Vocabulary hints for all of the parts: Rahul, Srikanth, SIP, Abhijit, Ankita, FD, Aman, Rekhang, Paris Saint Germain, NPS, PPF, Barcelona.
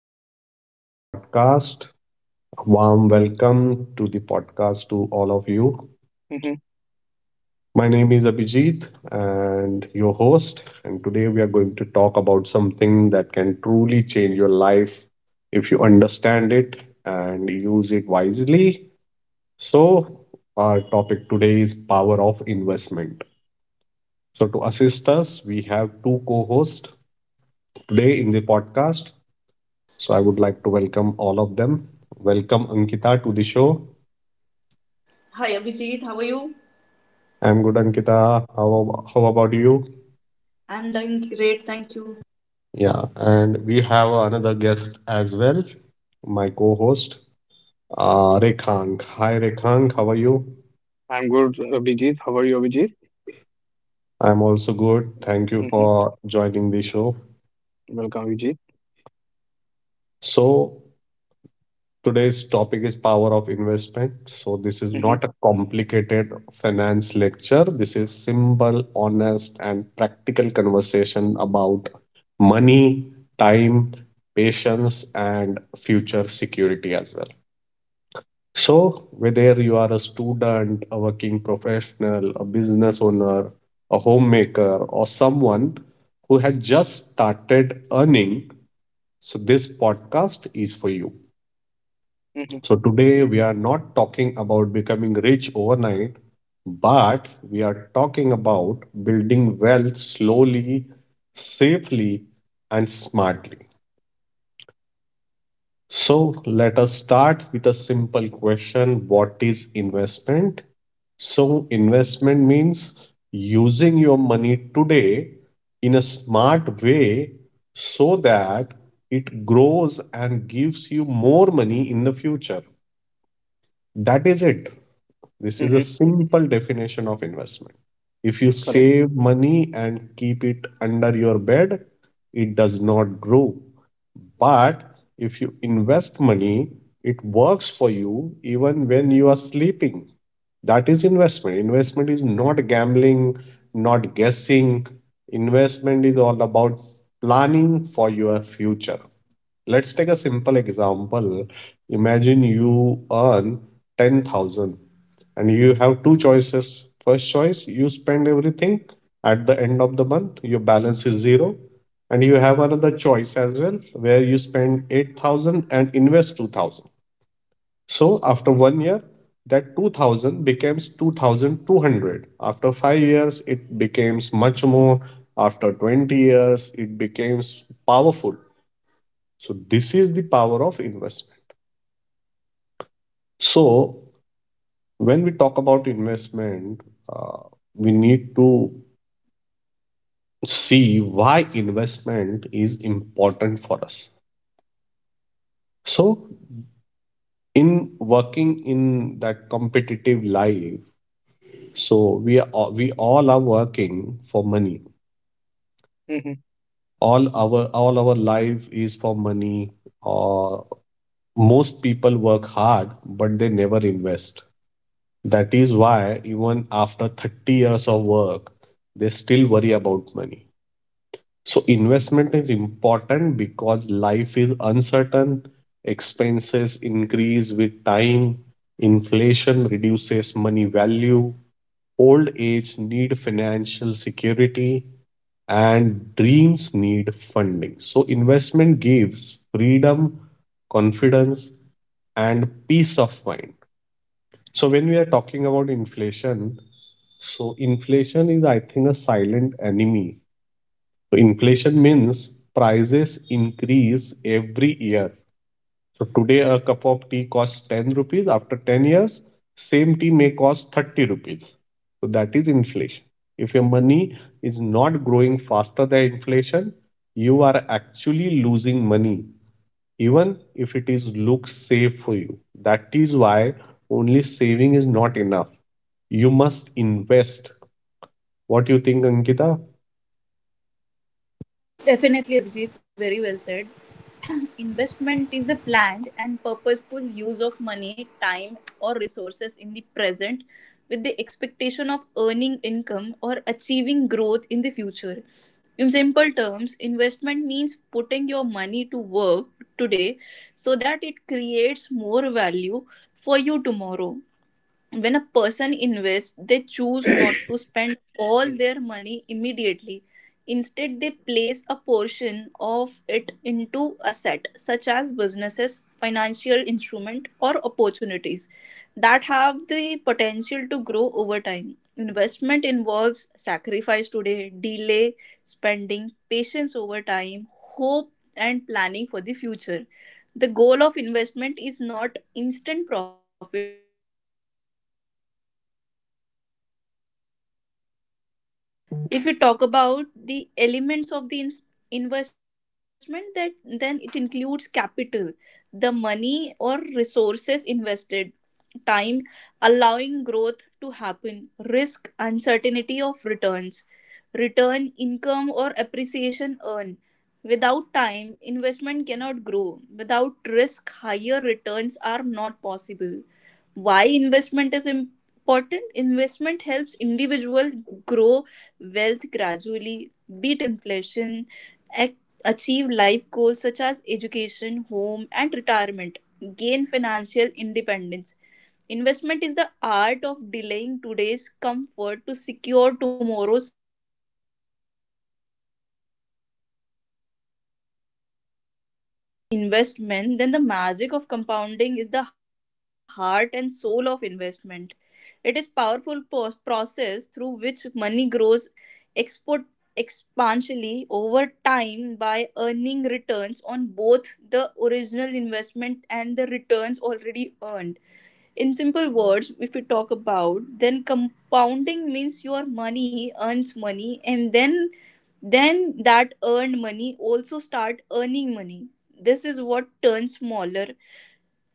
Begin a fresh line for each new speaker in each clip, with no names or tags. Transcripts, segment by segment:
Back to my podcast. A warm welcome to the podcast to all of you.
Mm-hmm.
My name is Abhijit and your host. And today we are going to talk about something that can truly change your life if you understand it and use it wisely. So our topic today is power of investment. So to assist us, we have two co hosts today in the podcast. So I would like to welcome all of them. Welcome Ankita to the show.
Hi Abhijit, how are you?
I'm good, Ankita. How about you?
I'm doing great, thank you.
Yeah, and we have another guest as well, my co-host, Rekhang. Hi, Rekhang. How are you?
I'm good, Abhijit. How are you, Abhijit?
I'm also good. Thank you
Mm-hmm.
for joining the show.
Welcome, Abhijit.
So today's topic is power of investment. So this is
Mm-hmm.
not a complicated finance lecture. This is simple, honest, and practical conversation about money, time, patience, and future security as well. So whether you are a student, a working professional, a business owner, a homemaker, or someone who has just started earning, so this podcast is for you.
Mm-hmm.
So today we are not talking about becoming rich overnight, but we are talking about building wealth slowly, safely, and smartly. So let us start with a simple question. What is investment? So investment means using your money today in a smart way so that it grows and gives you more money in the future. That is it. This is a
Mm-hmm.
simple definition of investment. If you
Correct.
save money and keep it under your bed, it does not grow. But if you invest money, it works for you even when you are sleeping. That is investment. Investment is not gambling, not guessing. Investment is all about planning for your future. Let's take a simple example. Imagine you earn 10,000 and you have two choices. First choice, you spend everything at the end of the month, your balance is zero. And you have another choice as well where you spend 8,000 and invest 2,000. So after 1 year, that 2,000 becomes 2,200. After 5 years, it becomes much more. After 20 years, it becomes powerful. So this is the power of investment. So when we talk about investment, uh, we need to see why investment is important for us. So in working in that competitive life, so we all are working for money.
Mm-hmm.
All our life is for money. Or most people work hard, but they never invest. That is why, even after 30 years of work, they still worry about money. So investment is important because life is uncertain, expenses increase with time, inflation reduces money value, old age need financial security, and dreams need funding. So investment gives freedom, confidence, and peace of mind. So when we are talking about inflation, so inflation is, I think, a silent enemy. So inflation means prices increase every year. So today a cup of tea costs 10 rupees. After 10 years, same tea may cost 30 rupees. So that is inflation. If your money is not growing faster than inflation, you are actually losing money, even if it is looks safe for you. That is why only saving is not enough. You must invest. What do you think, Ankita?
Yes, definitely, Abhijit. Very well said. Investment is the planned and purposeful use of money, time, or resources in the present with the expectation of earning income or achieving growth in the future. In simple terms, investment means putting your money to work today so that it creates more value for you tomorrow. When a person invests, they choose not to spend all their money immediately. Instead, they place a portion of it into asset such as businesses, financial instrument, or opportunities that have the potential to grow over time. Investment involves sacrifice today, delay spending, patience over time, hope, and planning for the future. The goal of investment is not instant profit. If we talk about the elements of the investment that, then it includes capital, the money or resources invested; time, allowing growth to happen; risk, uncertainty of returns; return, income or appreciation earned. Without time, investment cannot grow. Without risk, higher returns are not possible. Why investment is important: investment helps individual grow wealth gradually, beat inflation, ac- achieve life goals such as education, home, and retirement, gain financial independence. Investment is the art of delaying today's comfort to secure tomorrow's investment, then the magic of compounding is the heart and soul of investment. It is powerful process through which money grows export exponentially over time by earning returns on both the original investment and the returns already earned. In simple words, if we talk about, then compounding means your money earns money, and then that earned money also start earning money. This is what turns smaller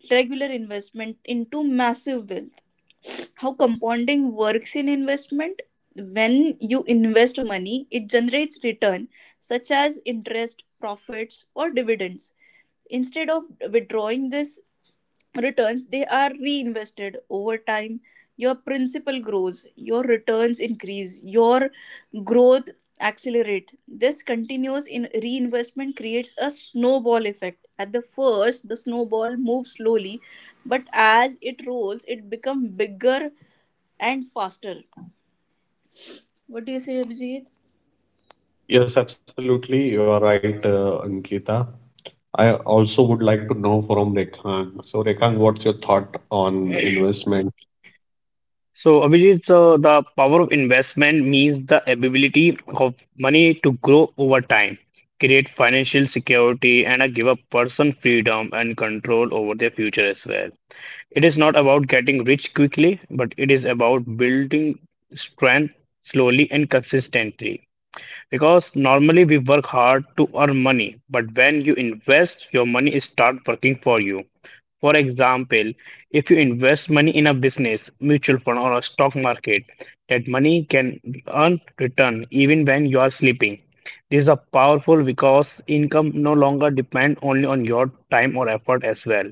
regular investment into massive wealth. How compounding works in investment? When you invest money, it generates return such as interest, profits, or dividends. Instead of withdrawing these returns, they are reinvested over time. Your principal grows, your returns increase, your growth accelerate. This continuous in reinvestment creates a snowball effect. At the first, the snowball moves slowly, but as it rolls, it becomes bigger and faster. What do you say, Abhijit?
Yes, absolutely. You are right, Ankita. I also would like to know from Rekhang. So, Rekhang, what's your thought on investment?
So, Abhijit, so the power of investment means the ability of money to grow over time, create financial security, and give a person freedom and control over their future as well. It is not about getting rich quickly, but it is about building strength slowly and consistently. Because normally we work hard to earn money, but when you invest, your money start working for you. For example, if you invest money in a business, mutual fund, or a stock market, that money can earn return even when you are sleeping. These are powerful because income no longer depend only on your time or effort as well.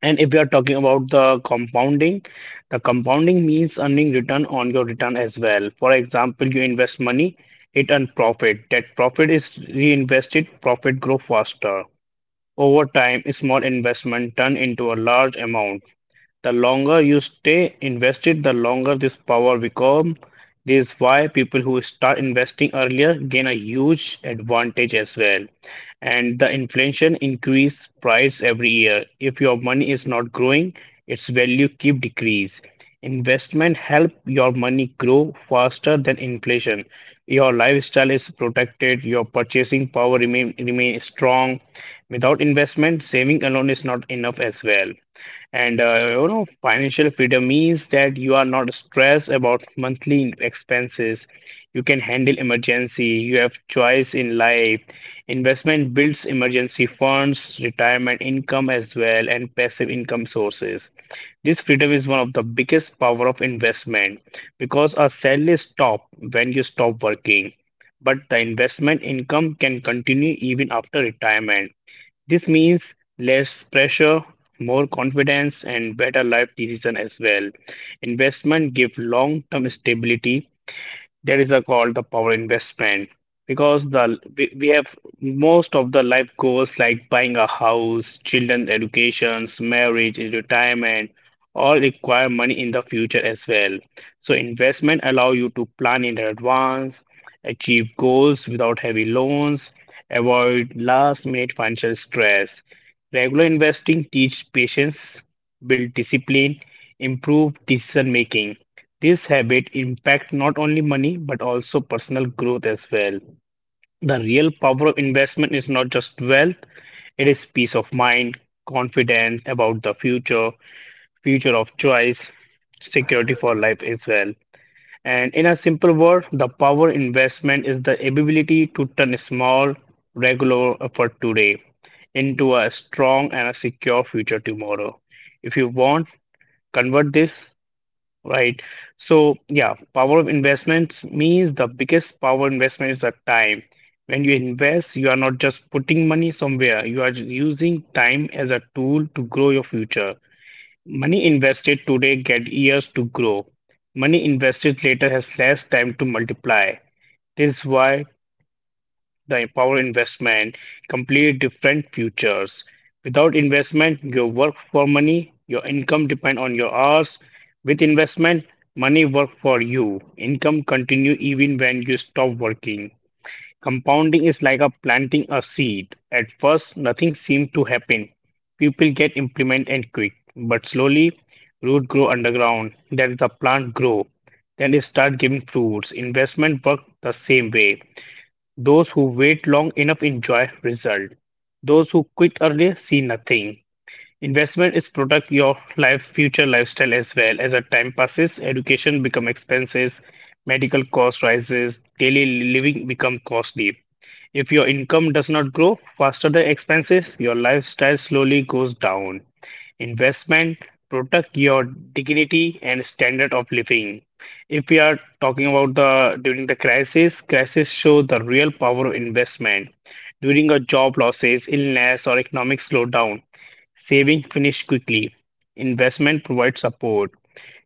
And if we are talking about the compounding means earning return on your return as well. For example, you invest money, it earns profit. That profit is reinvested, profit grow faster. Over time, a small investment turn into a large amount. The longer you stay invested, the longer this power become. This is why people who start investing earlier gain a huge advantage as well. And the inflation increase price every year. If your money is not growing, its value keep decrease. Investment help your money grow faster than inflation. Your lifestyle is protected, your purchasing power remain strong. Without investment, saving alone is not enough as well. And financial freedom means that you are not stressed about monthly routine expenses. You can handle emergency. You have choice in life. Investment builds emergency funds, retirement income as well, and passive income sources. This freedom is one of the biggest power of investment because our salary stop when you stop working, but the investment income can continue even after retirement. This means less pressure, more confidence, and better life decision as well. Investment give long-term stability, that is the called the power investment because the we have most of the life goals like buying a house, children educations, marriage, and retirement, all require money in the future as well. So investment allow you to plan in advance, achieve goals without heavy loans, avoid last minute financial stress. Regular investing teach patience, build discipline, improve decision making. This habit impact not only money but also personal growth as well. The real power of investment is not just wealth, it is peace of mind, confidence about the future, future of choice, security for life as well. And in a simple word, the power investment is the ability to turn a small, regular effort today into a strong and a secure future tomorrow. If you want, convert this. Right. So, yeah, power of investments means the biggest power investment is the time. When you invest, you are not just putting money somewhere, you are using time as a tool to grow your future. Money invested today get years to grow. Money invested later has less time to multiply. This is why the power investment, complete different futures. Without investment, you work for money, your income depend on your hours. With investment, money work for you. Income continue even when you stop working. Compounding is like a planting a seed. At first, nothing seems to happen. People get implement and quick, but slowly root grow underground. Then the plant grow. Then it start giving fruits. Investment work the same way. Those who wait long enough enjoy result. Those who quit early see nothing. Investment is protect your life future lifestyle as well. As a time passes, education become expenses, medical cost rises, daily living become costly. If your income does not grow faster than expenses, your lifestyle slowly goes down. Investment protect your dignity and standard of living. If we are talking about the during the crisis, crisis show the real power of investment. During a job losses, illness, or economic slowdown, saving finish quickly. Investment provides support.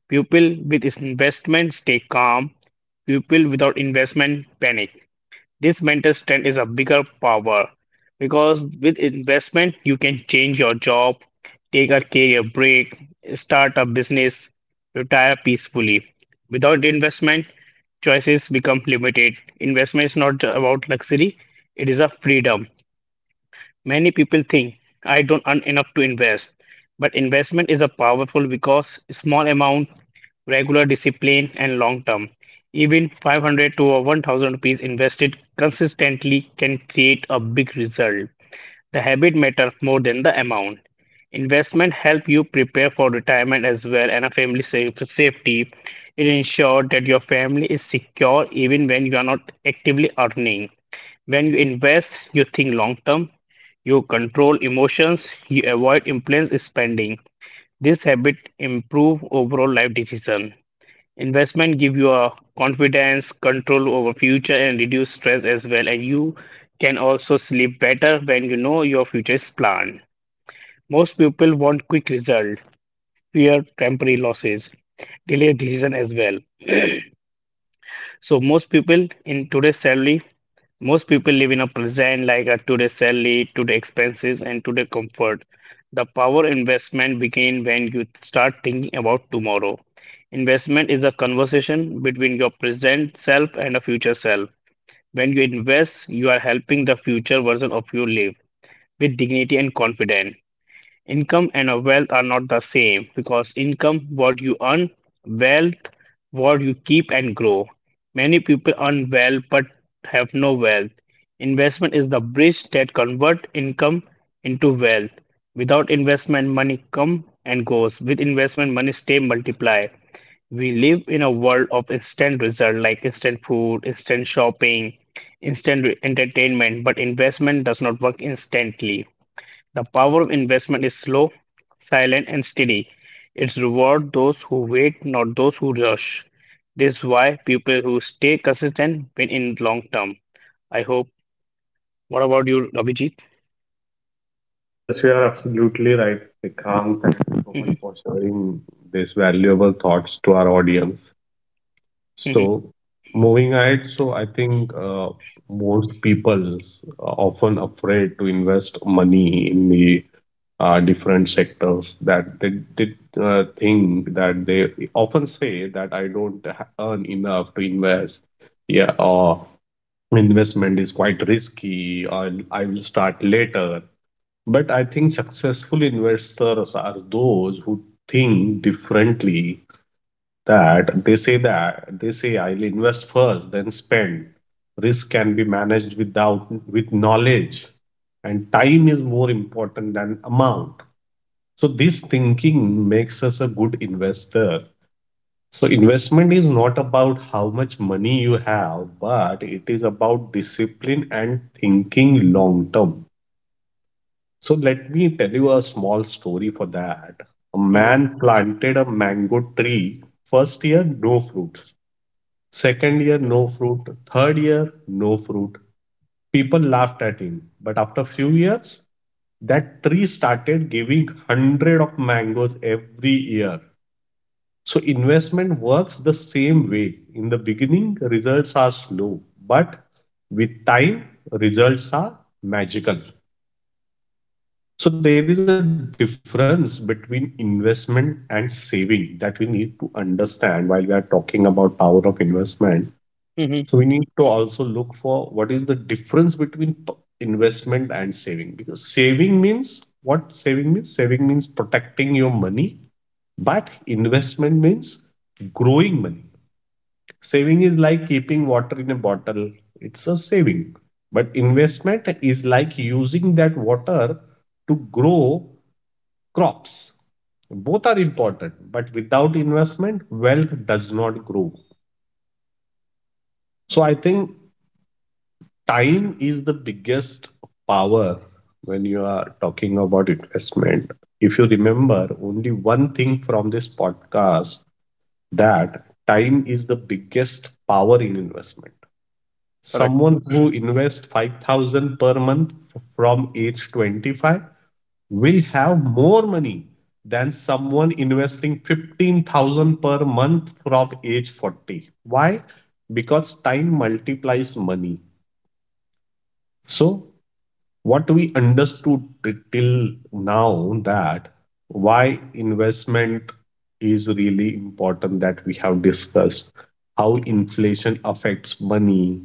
People with investment stay calm. People without investment panic. This mental strength is a bigger power because with investment you can change your job, take a career break, start a business, retire peacefully. Without investment, choices become limited. Investment is not about luxury, it is a freedom. Many people think I don't earn enough to invest, but investment is a powerful because small amount, regular discipline, and long term. Even 500 to 1000 rupees invested consistently can create a big result. The habit matters more than the amount. Investment help you prepare for retirement as well and a family safety. It ensures that your family is secure even when you are not actively earning. When you invest, you think long term, you control emotions, you avoid impulse spending. This habit improve overall life decision. Investment give you a confidence, control over future and reduce stress as well. And you can also sleep better when you know your future is planned. Most people want quick result, fear temporary losses, delay decision as well. So most people in today's salary, most people live in a present, like a today salary, today expenses, and today comfort. The power investment begin when you start thinking about tomorrow. Investment is a conversation between your present self and a future self. When you invest, you are helping the future version of you live with dignity and confidence. Income and a wealth are not the same because income, what you earn, wealth, what you keep and grow. Many people earn well but have no wealth. Investment is the bridge that convert income into wealth. Without investment, money come and goes. With investment, money stay multiply. We live in a world of instant result like instant food, instant shopping, entertainment, but investment does not work instantly. The power of investment is slow, silent, and steady. It rewards those who wait, not those who rush. This is why people who stay consistent win in long term. I hope. What about you, Abhijit?
Yes, you are absolutely right, Srikanth, and so
Mhm.
much for sharing these valuable thoughts to our audience.
Mhm.
So moving ahead, so I think most people are often afraid to invest money in the different sectors that they did think, that they often say that I don't ha- earn enough to invest. Yeah, or investment is quite risky, or I will start later. But I think successful investors are those who think differently, that they say I'll invest first, then spend. Risk can be managed without with knowledge, and time is more important than amount. So this thinking makes us a good investor. So investment is not about how much money you have, but it is about discipline and thinking long term. So let me tell you a small story for that. A
Mhm.
man planted a mango tree. First year, no fruits. Second year,
Mhm.
no fruit. Third year, no fruit. People laughed at him. But after few years, that tree started giving hundred of mangoes every year. So investment works the same way. In the beginning, results are slow, but with time, results are magical. So there is a difference between investment and saving that we need to understand while we are talking about power of investment.
Mhm.
So we need to also look for what is the difference between p- investment and saving, because saving means saving means protecting your money, but investment means growing money. Saving is like keeping water in a bottle. It's a saving. But investment is like using that water to grow crops. Both are important, but without investment, wealth does not grow. So I think time is the biggest power when you are talking about investment. If you remember only one thing from this podcast, that time is the biggest power in investment.
Correct.
Someone who invests 5,000 per month f- from age 25 will have more money than someone investing 15,000 per month from age 40. Why? Because time multiplies money. So what we understood t- till now, that why investment is really important, that we have discussed, how inflation affects money,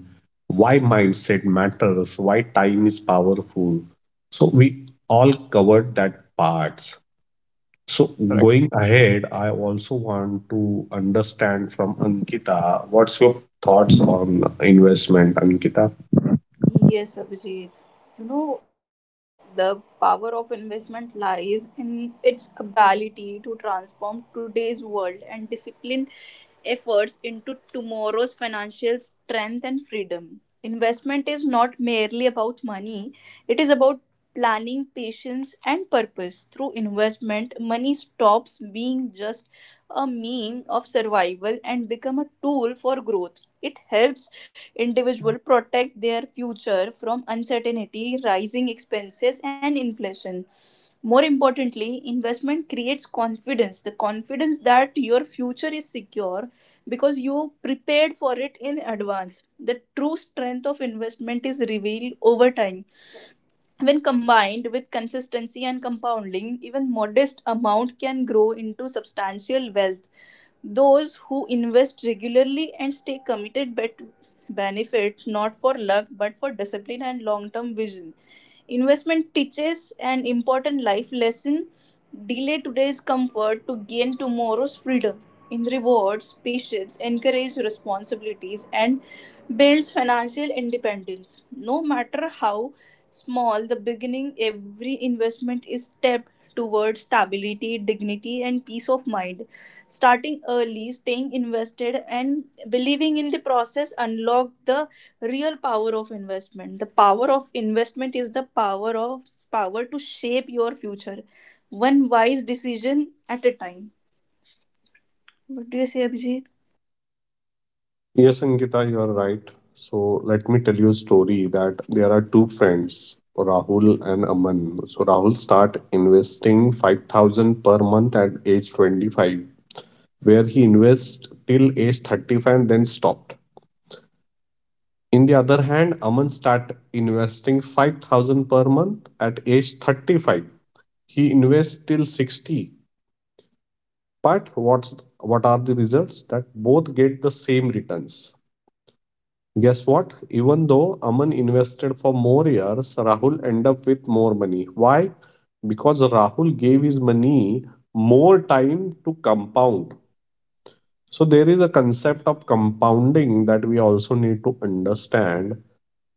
why mindset matters, why time is powerful. So we all covered that parts. So
Correct.
going ahead, I also want to understand from Ankita, what's your thoughts on investment, Ankita?
Yes, Abhijit. You know, the power of investment lies in its ability to transform today's world and discipline efforts into tomorrow's financial strength and freedom. Investment is not merely about money, it is about planning, patience, and purpose. Through investment, money stops being just a mean of survival and become a tool for growth. It helps individuals protect their future from uncertainty, rising expenses, and inflation. More importantly, investment creates confidence, the confidence that your future is secure because you prepared for it in advance. The true strength of investment is revealed over time. When combined with consistency and compounding, even modest amount can grow into substantial wealth. Those who invest regularly and stay committed benefit not for luck but for discipline and long term vision. Investment teaches an important life lesson: delay today's comfort to gain tomorrow's freedom. In rewards, patience, encourages responsibilities, and builds financial independence. No matter how small the beginning, every investment is step towards stability, dignity, and peace of mind. Starting early, staying invested, and believing in the process unlock the real power of investment. The power of investment is the power to shape your future, one wise decision at a time. What do you say, Abhijit?
Yes, Ankita, you are right. So let me tell you a story that there are two friends, Rahul and Aman. So Rahul start investing 5,000 per month at age 25, where he invests till age 35 and then stopped. In the other hand, Aman start investing 5,000 per month at age 35. He invests till 60. But what are the results? That both get the same returns. Guess what? Even though Aman invested for more years, Rahul ended up with more money. Why? Because Rahul gave his money more time to compound. So there is a concept of compounding that we also need to understand,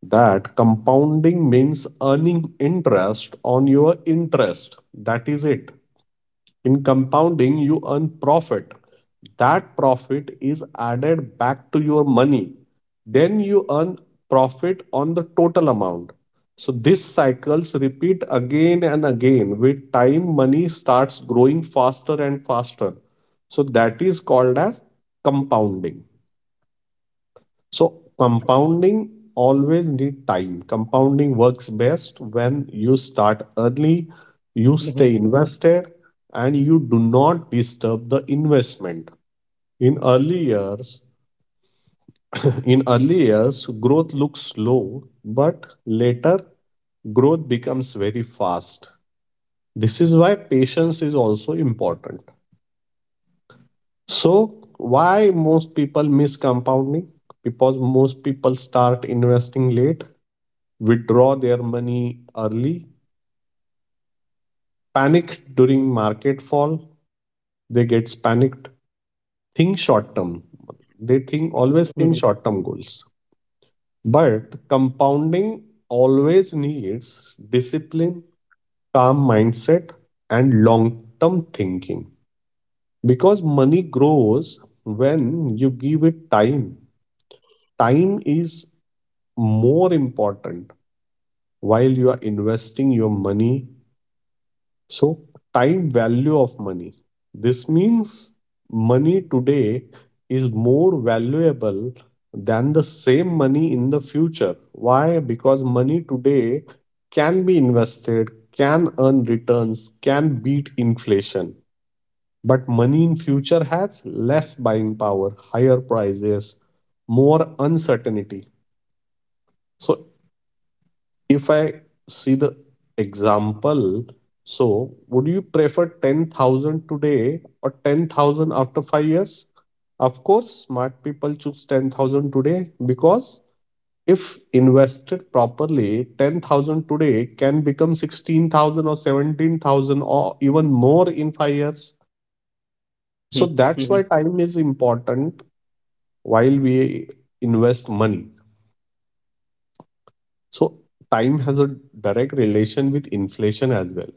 that compounding means earning interest on your interest. That is it. In compounding, you earn profit. That profit is added back to your money. Then you earn profit on the total amount. So these cycles repeat again and again. With time, money starts growing faster and faster. So that is called as compounding. So
Mhm.
compounding always need time. Compounding works best when you start early, you
Mhm.
stay invested, and you do not disturb the investment. In early years, in early years, growth looks slow, but later growth becomes very fast. This is why patience is also important. So why most people miss compounding? Because most people start investing late, withdraw their money early, panic during market fall, they get panicked, think short term. They think
Mhm.
always think short term goals. But compounding always needs discipline, calm mindset, and long term thinking. Because money grows when you give it time. Time is more important while you are investing your money. So, time value of money. This means money today is more valuable than the same money in the future. Why? Because money today can be invested, can earn returns, can beat inflation. But money in future has less buying power, higher prices, more uncertainty. So if I see the example, so would you prefer 10,000 today or 10,000 after 5 years? Of course, smart people choose 10,000 today, because if invested properly, 10,000 today can become 16,000 or 17,000 or even more in 5 years.
Mhm.
So that's
Mhm.
why time is important while we invest money. So time has a direct relation with inflation as well.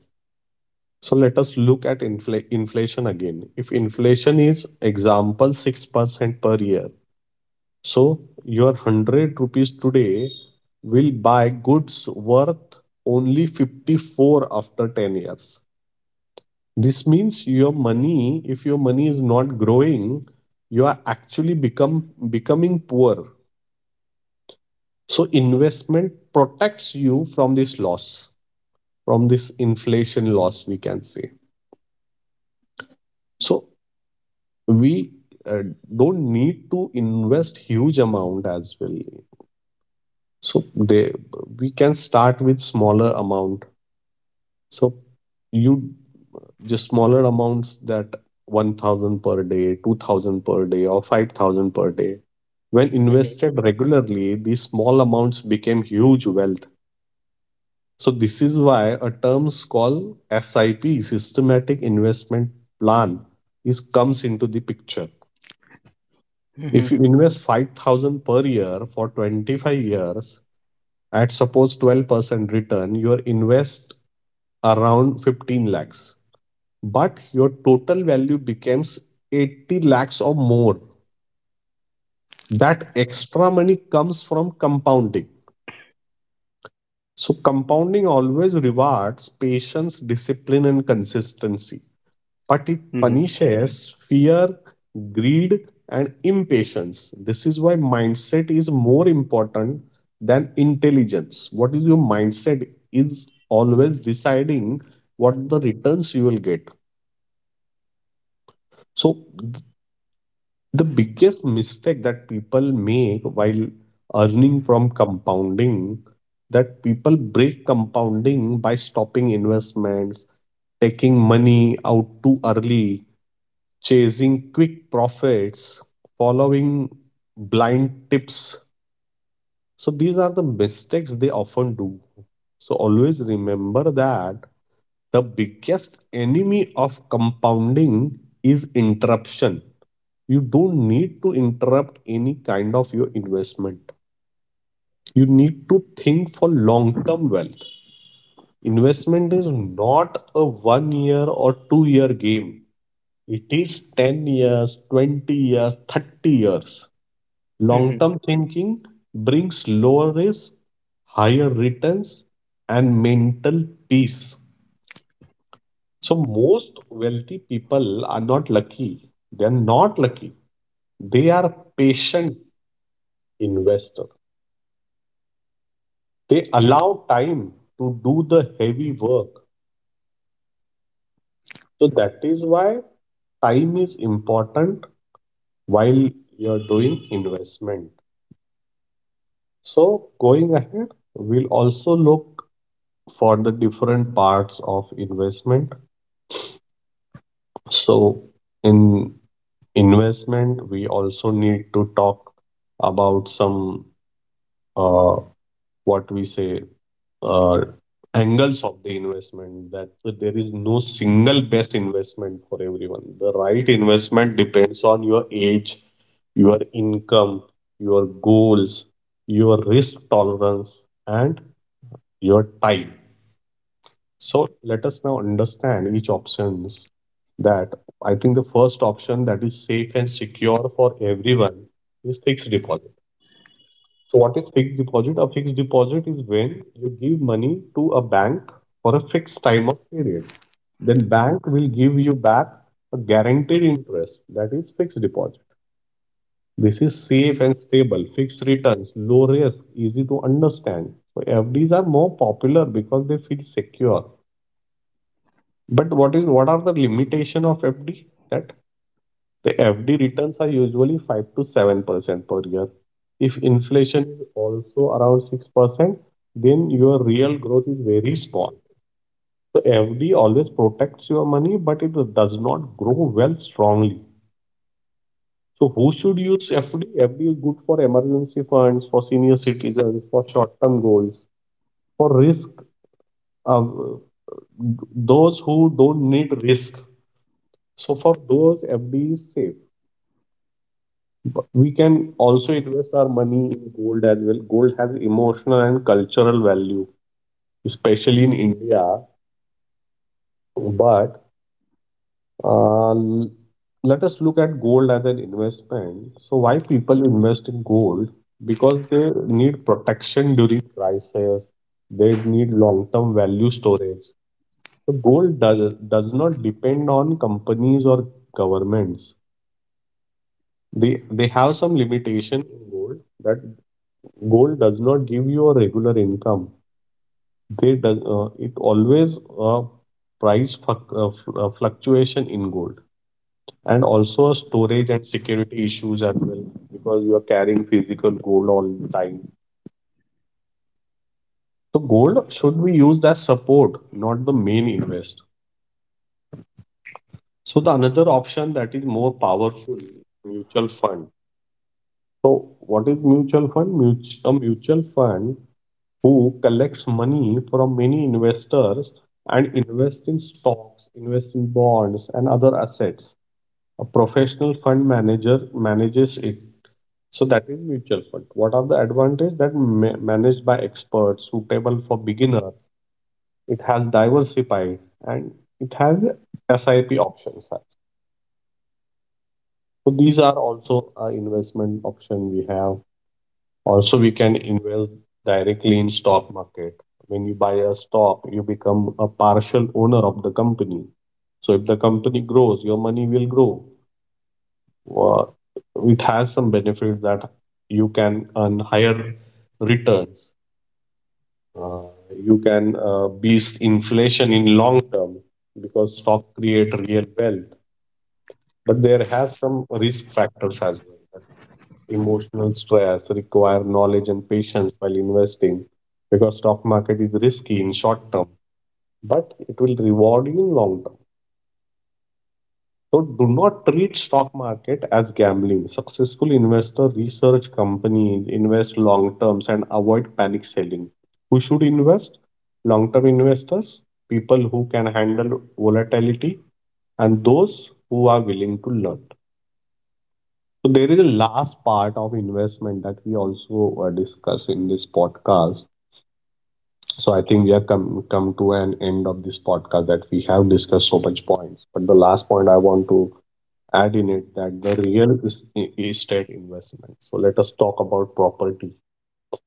So let us look at infl- inflation again. If inflation is example 6% per year, so your 100 rupees today will buy goods worth only 54 after 10 years. This means your money, if your money is not growing, you are actually become becoming poor. So investment protects you from this loss, from this inflation loss, we can say. So we uh, don't need to invest huge amount as well, so they we can start with smaller amount. So you just smaller amounts, that 1000 per day, 2000 per day, or 5000 per day, when
Mhm.
invested regularly, these small amounts became huge wealth. So this is why a term called SIP, systematic investment plan, is comes into the picture.
Mhm.
If you invest 5,000 per year for 25 years at suppose 12% return, your invest around 15 lakhs. But your total value becomes 80 lakhs or more. That extra money comes from compounding. So compounding always rewards patience, discipline, and consistency, but it
Mhm.
punishes fear, greed, and impatience. This is why mindset is more important than intelligence. What is your mindset is always deciding what the returns you will get. So the biggest mistake that people make while earning from compounding that people break compounding by stopping investments, taking money out too early, chasing quick profits, following blind tips. So these are the mistakes they often do. So always remember that the biggest enemy of compounding is interruption. You don't need to interrupt any kind of your investment. You need to think for long term wealth. Investment is not a 1 year or 2 year game. It is 10 years, 20 years, 30 years.
Mhm.
Long term thinking brings lower risk, higher returns, and mental peace. So, most wealthy people are not lucky. They are not lucky. They are patient investors. They allow time to do the heavy work. So, that is why time is important while you're doing investment. So, going ahead, we'll also look for the different parts of investment. So in investment, we also need to talk about some uh, what we say uh, angles of the investment, that there is no single best investment for everyone. The right investment depends on your age, your income, your goals, your risk tolerance, and your time. So let us now understand each options, that I think the first option that is safe and secure for everyone is fixed deposit. So what is fixed deposit? A fixed deposit is when you give money to a bank for a fixed time of period. Then bank will give you back a guaranteed interest. That is fixed deposit. This is safe and stable, fixed returns, low risk, easy to understand. So FDs are more popular because they feel secure. But what is, what are the limitation of FD? That the FD returns are usually 5 to 7% per year. If inflation is also around 6%, then your real growth is very small. So FD always protects your money, but it does not grow well strongly. So who should use FD? FD is good for emergency funds, for senior citizens, for short-term goals, for risk. Uh, those who don't need risk. So for those, FD is safe. But we can also invest our money in gold as well. Gold has emotional and cultural value, especially in India. But uh, l- let us look at gold as an investment. So, why people invest in gold? Because they need protection during crisis. They need long-term value storage. So, gold does not depend on companies or governments. They have some limitation in gold, that gold does not give you a regular income. They does, it always, price fluc- uh, fluctuation in gold, and also storage and security issues as well, because you are carrying physical gold all the time. So gold should be used as support, not the main invest. So the another option that is more powerful, mutual fund. So what is mutual fund? A mutual fund who collects money from many investors and invests in stocks, invests in bonds, and other assets. A professional fund manager manages it. So that is mutual fund. What are the advantages? That managed by experts, suitable for beginners. It has diversified, and it has SIP options. So these are also investment option we have. Also, we can invest directly in stock market. When you buy a stock, you become a partial owner of the company. So if the company grows, your money will grow. Uh, It has some benefits, that you can earn higher returns. Uh, you can beat inflation in long term because stock create real wealth. But there has some risk factors as well. Emotional stress, require knowledge and patience while investing, because stock market is risky in short term, but it will reward you in long term. So do not treat stock market as gambling. Successful investor research companies, invest long terms, and avoid panic selling. Who should invest? Long term investors, people who can handle volatility, and those who are willing to learn. So there is a last part of investment that we also discuss in this podcast. So I think we have come to an end of this podcast, that we have discussed so much points. But the last point I want to add in it, that the real estate investment. So let us talk about property.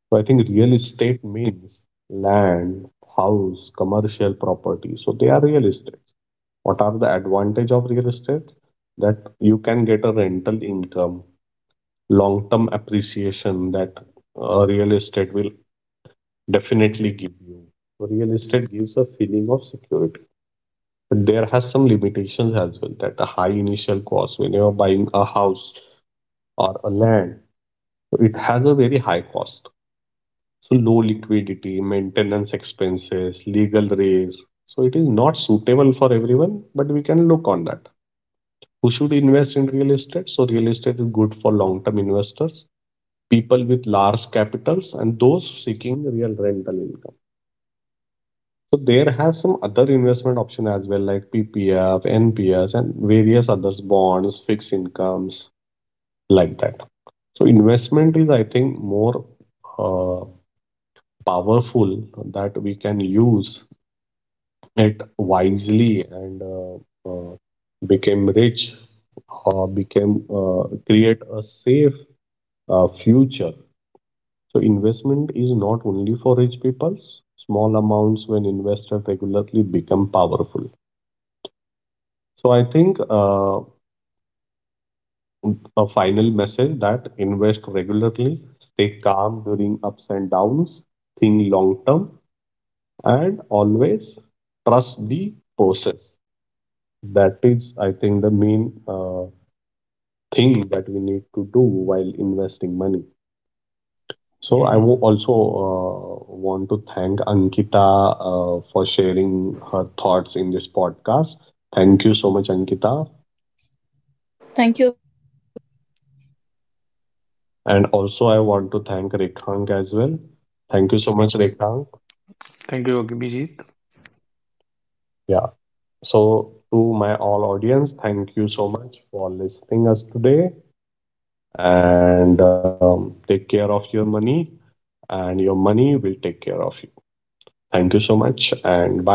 So I think real estate means land, house, commercial property. So they are real estate. What are the advantage of real estate? That you can get a rental income, long-term appreciation, that real estate will definitely give you. So real estate gives a feeling of security. But there has some limitations as well, that a high initial cost when you're buying a house or a land, so it has a very high cost. So low liquidity, maintenance expenses, legal raise. So it is not suitable for everyone, but we can look on that. Who should invest in real estate? So real estate is good for long-term investors, people with large capitals, and those seeking real rental income. So there has some other investment option as well, like PPF, NPS, and various others bonds, fixed incomes, like that. So investment is, I think, more uh, powerful, that we can use it wisely and become rich or become create a safe future. So investment is not only for rich people. Small amounts when invested regularly become powerful. So I think a final message, that invest regularly, stay calm during ups and downs, think long term, and always trust the process. That is, I think, the main thing that we need to do while investing money. So I
Mhm.
will also want to thank Ankita for sharing her thoughts in this podcast. Thank you so much, Ankita.
Thank you, Abhijit.
And also I want to thank Rekhang as well. Thank you so much, Rekhang. Yeah. So to my all audience, thank you so much for listening us today. And take care of your money, and your money will take care of you. Thank you so much, and bye.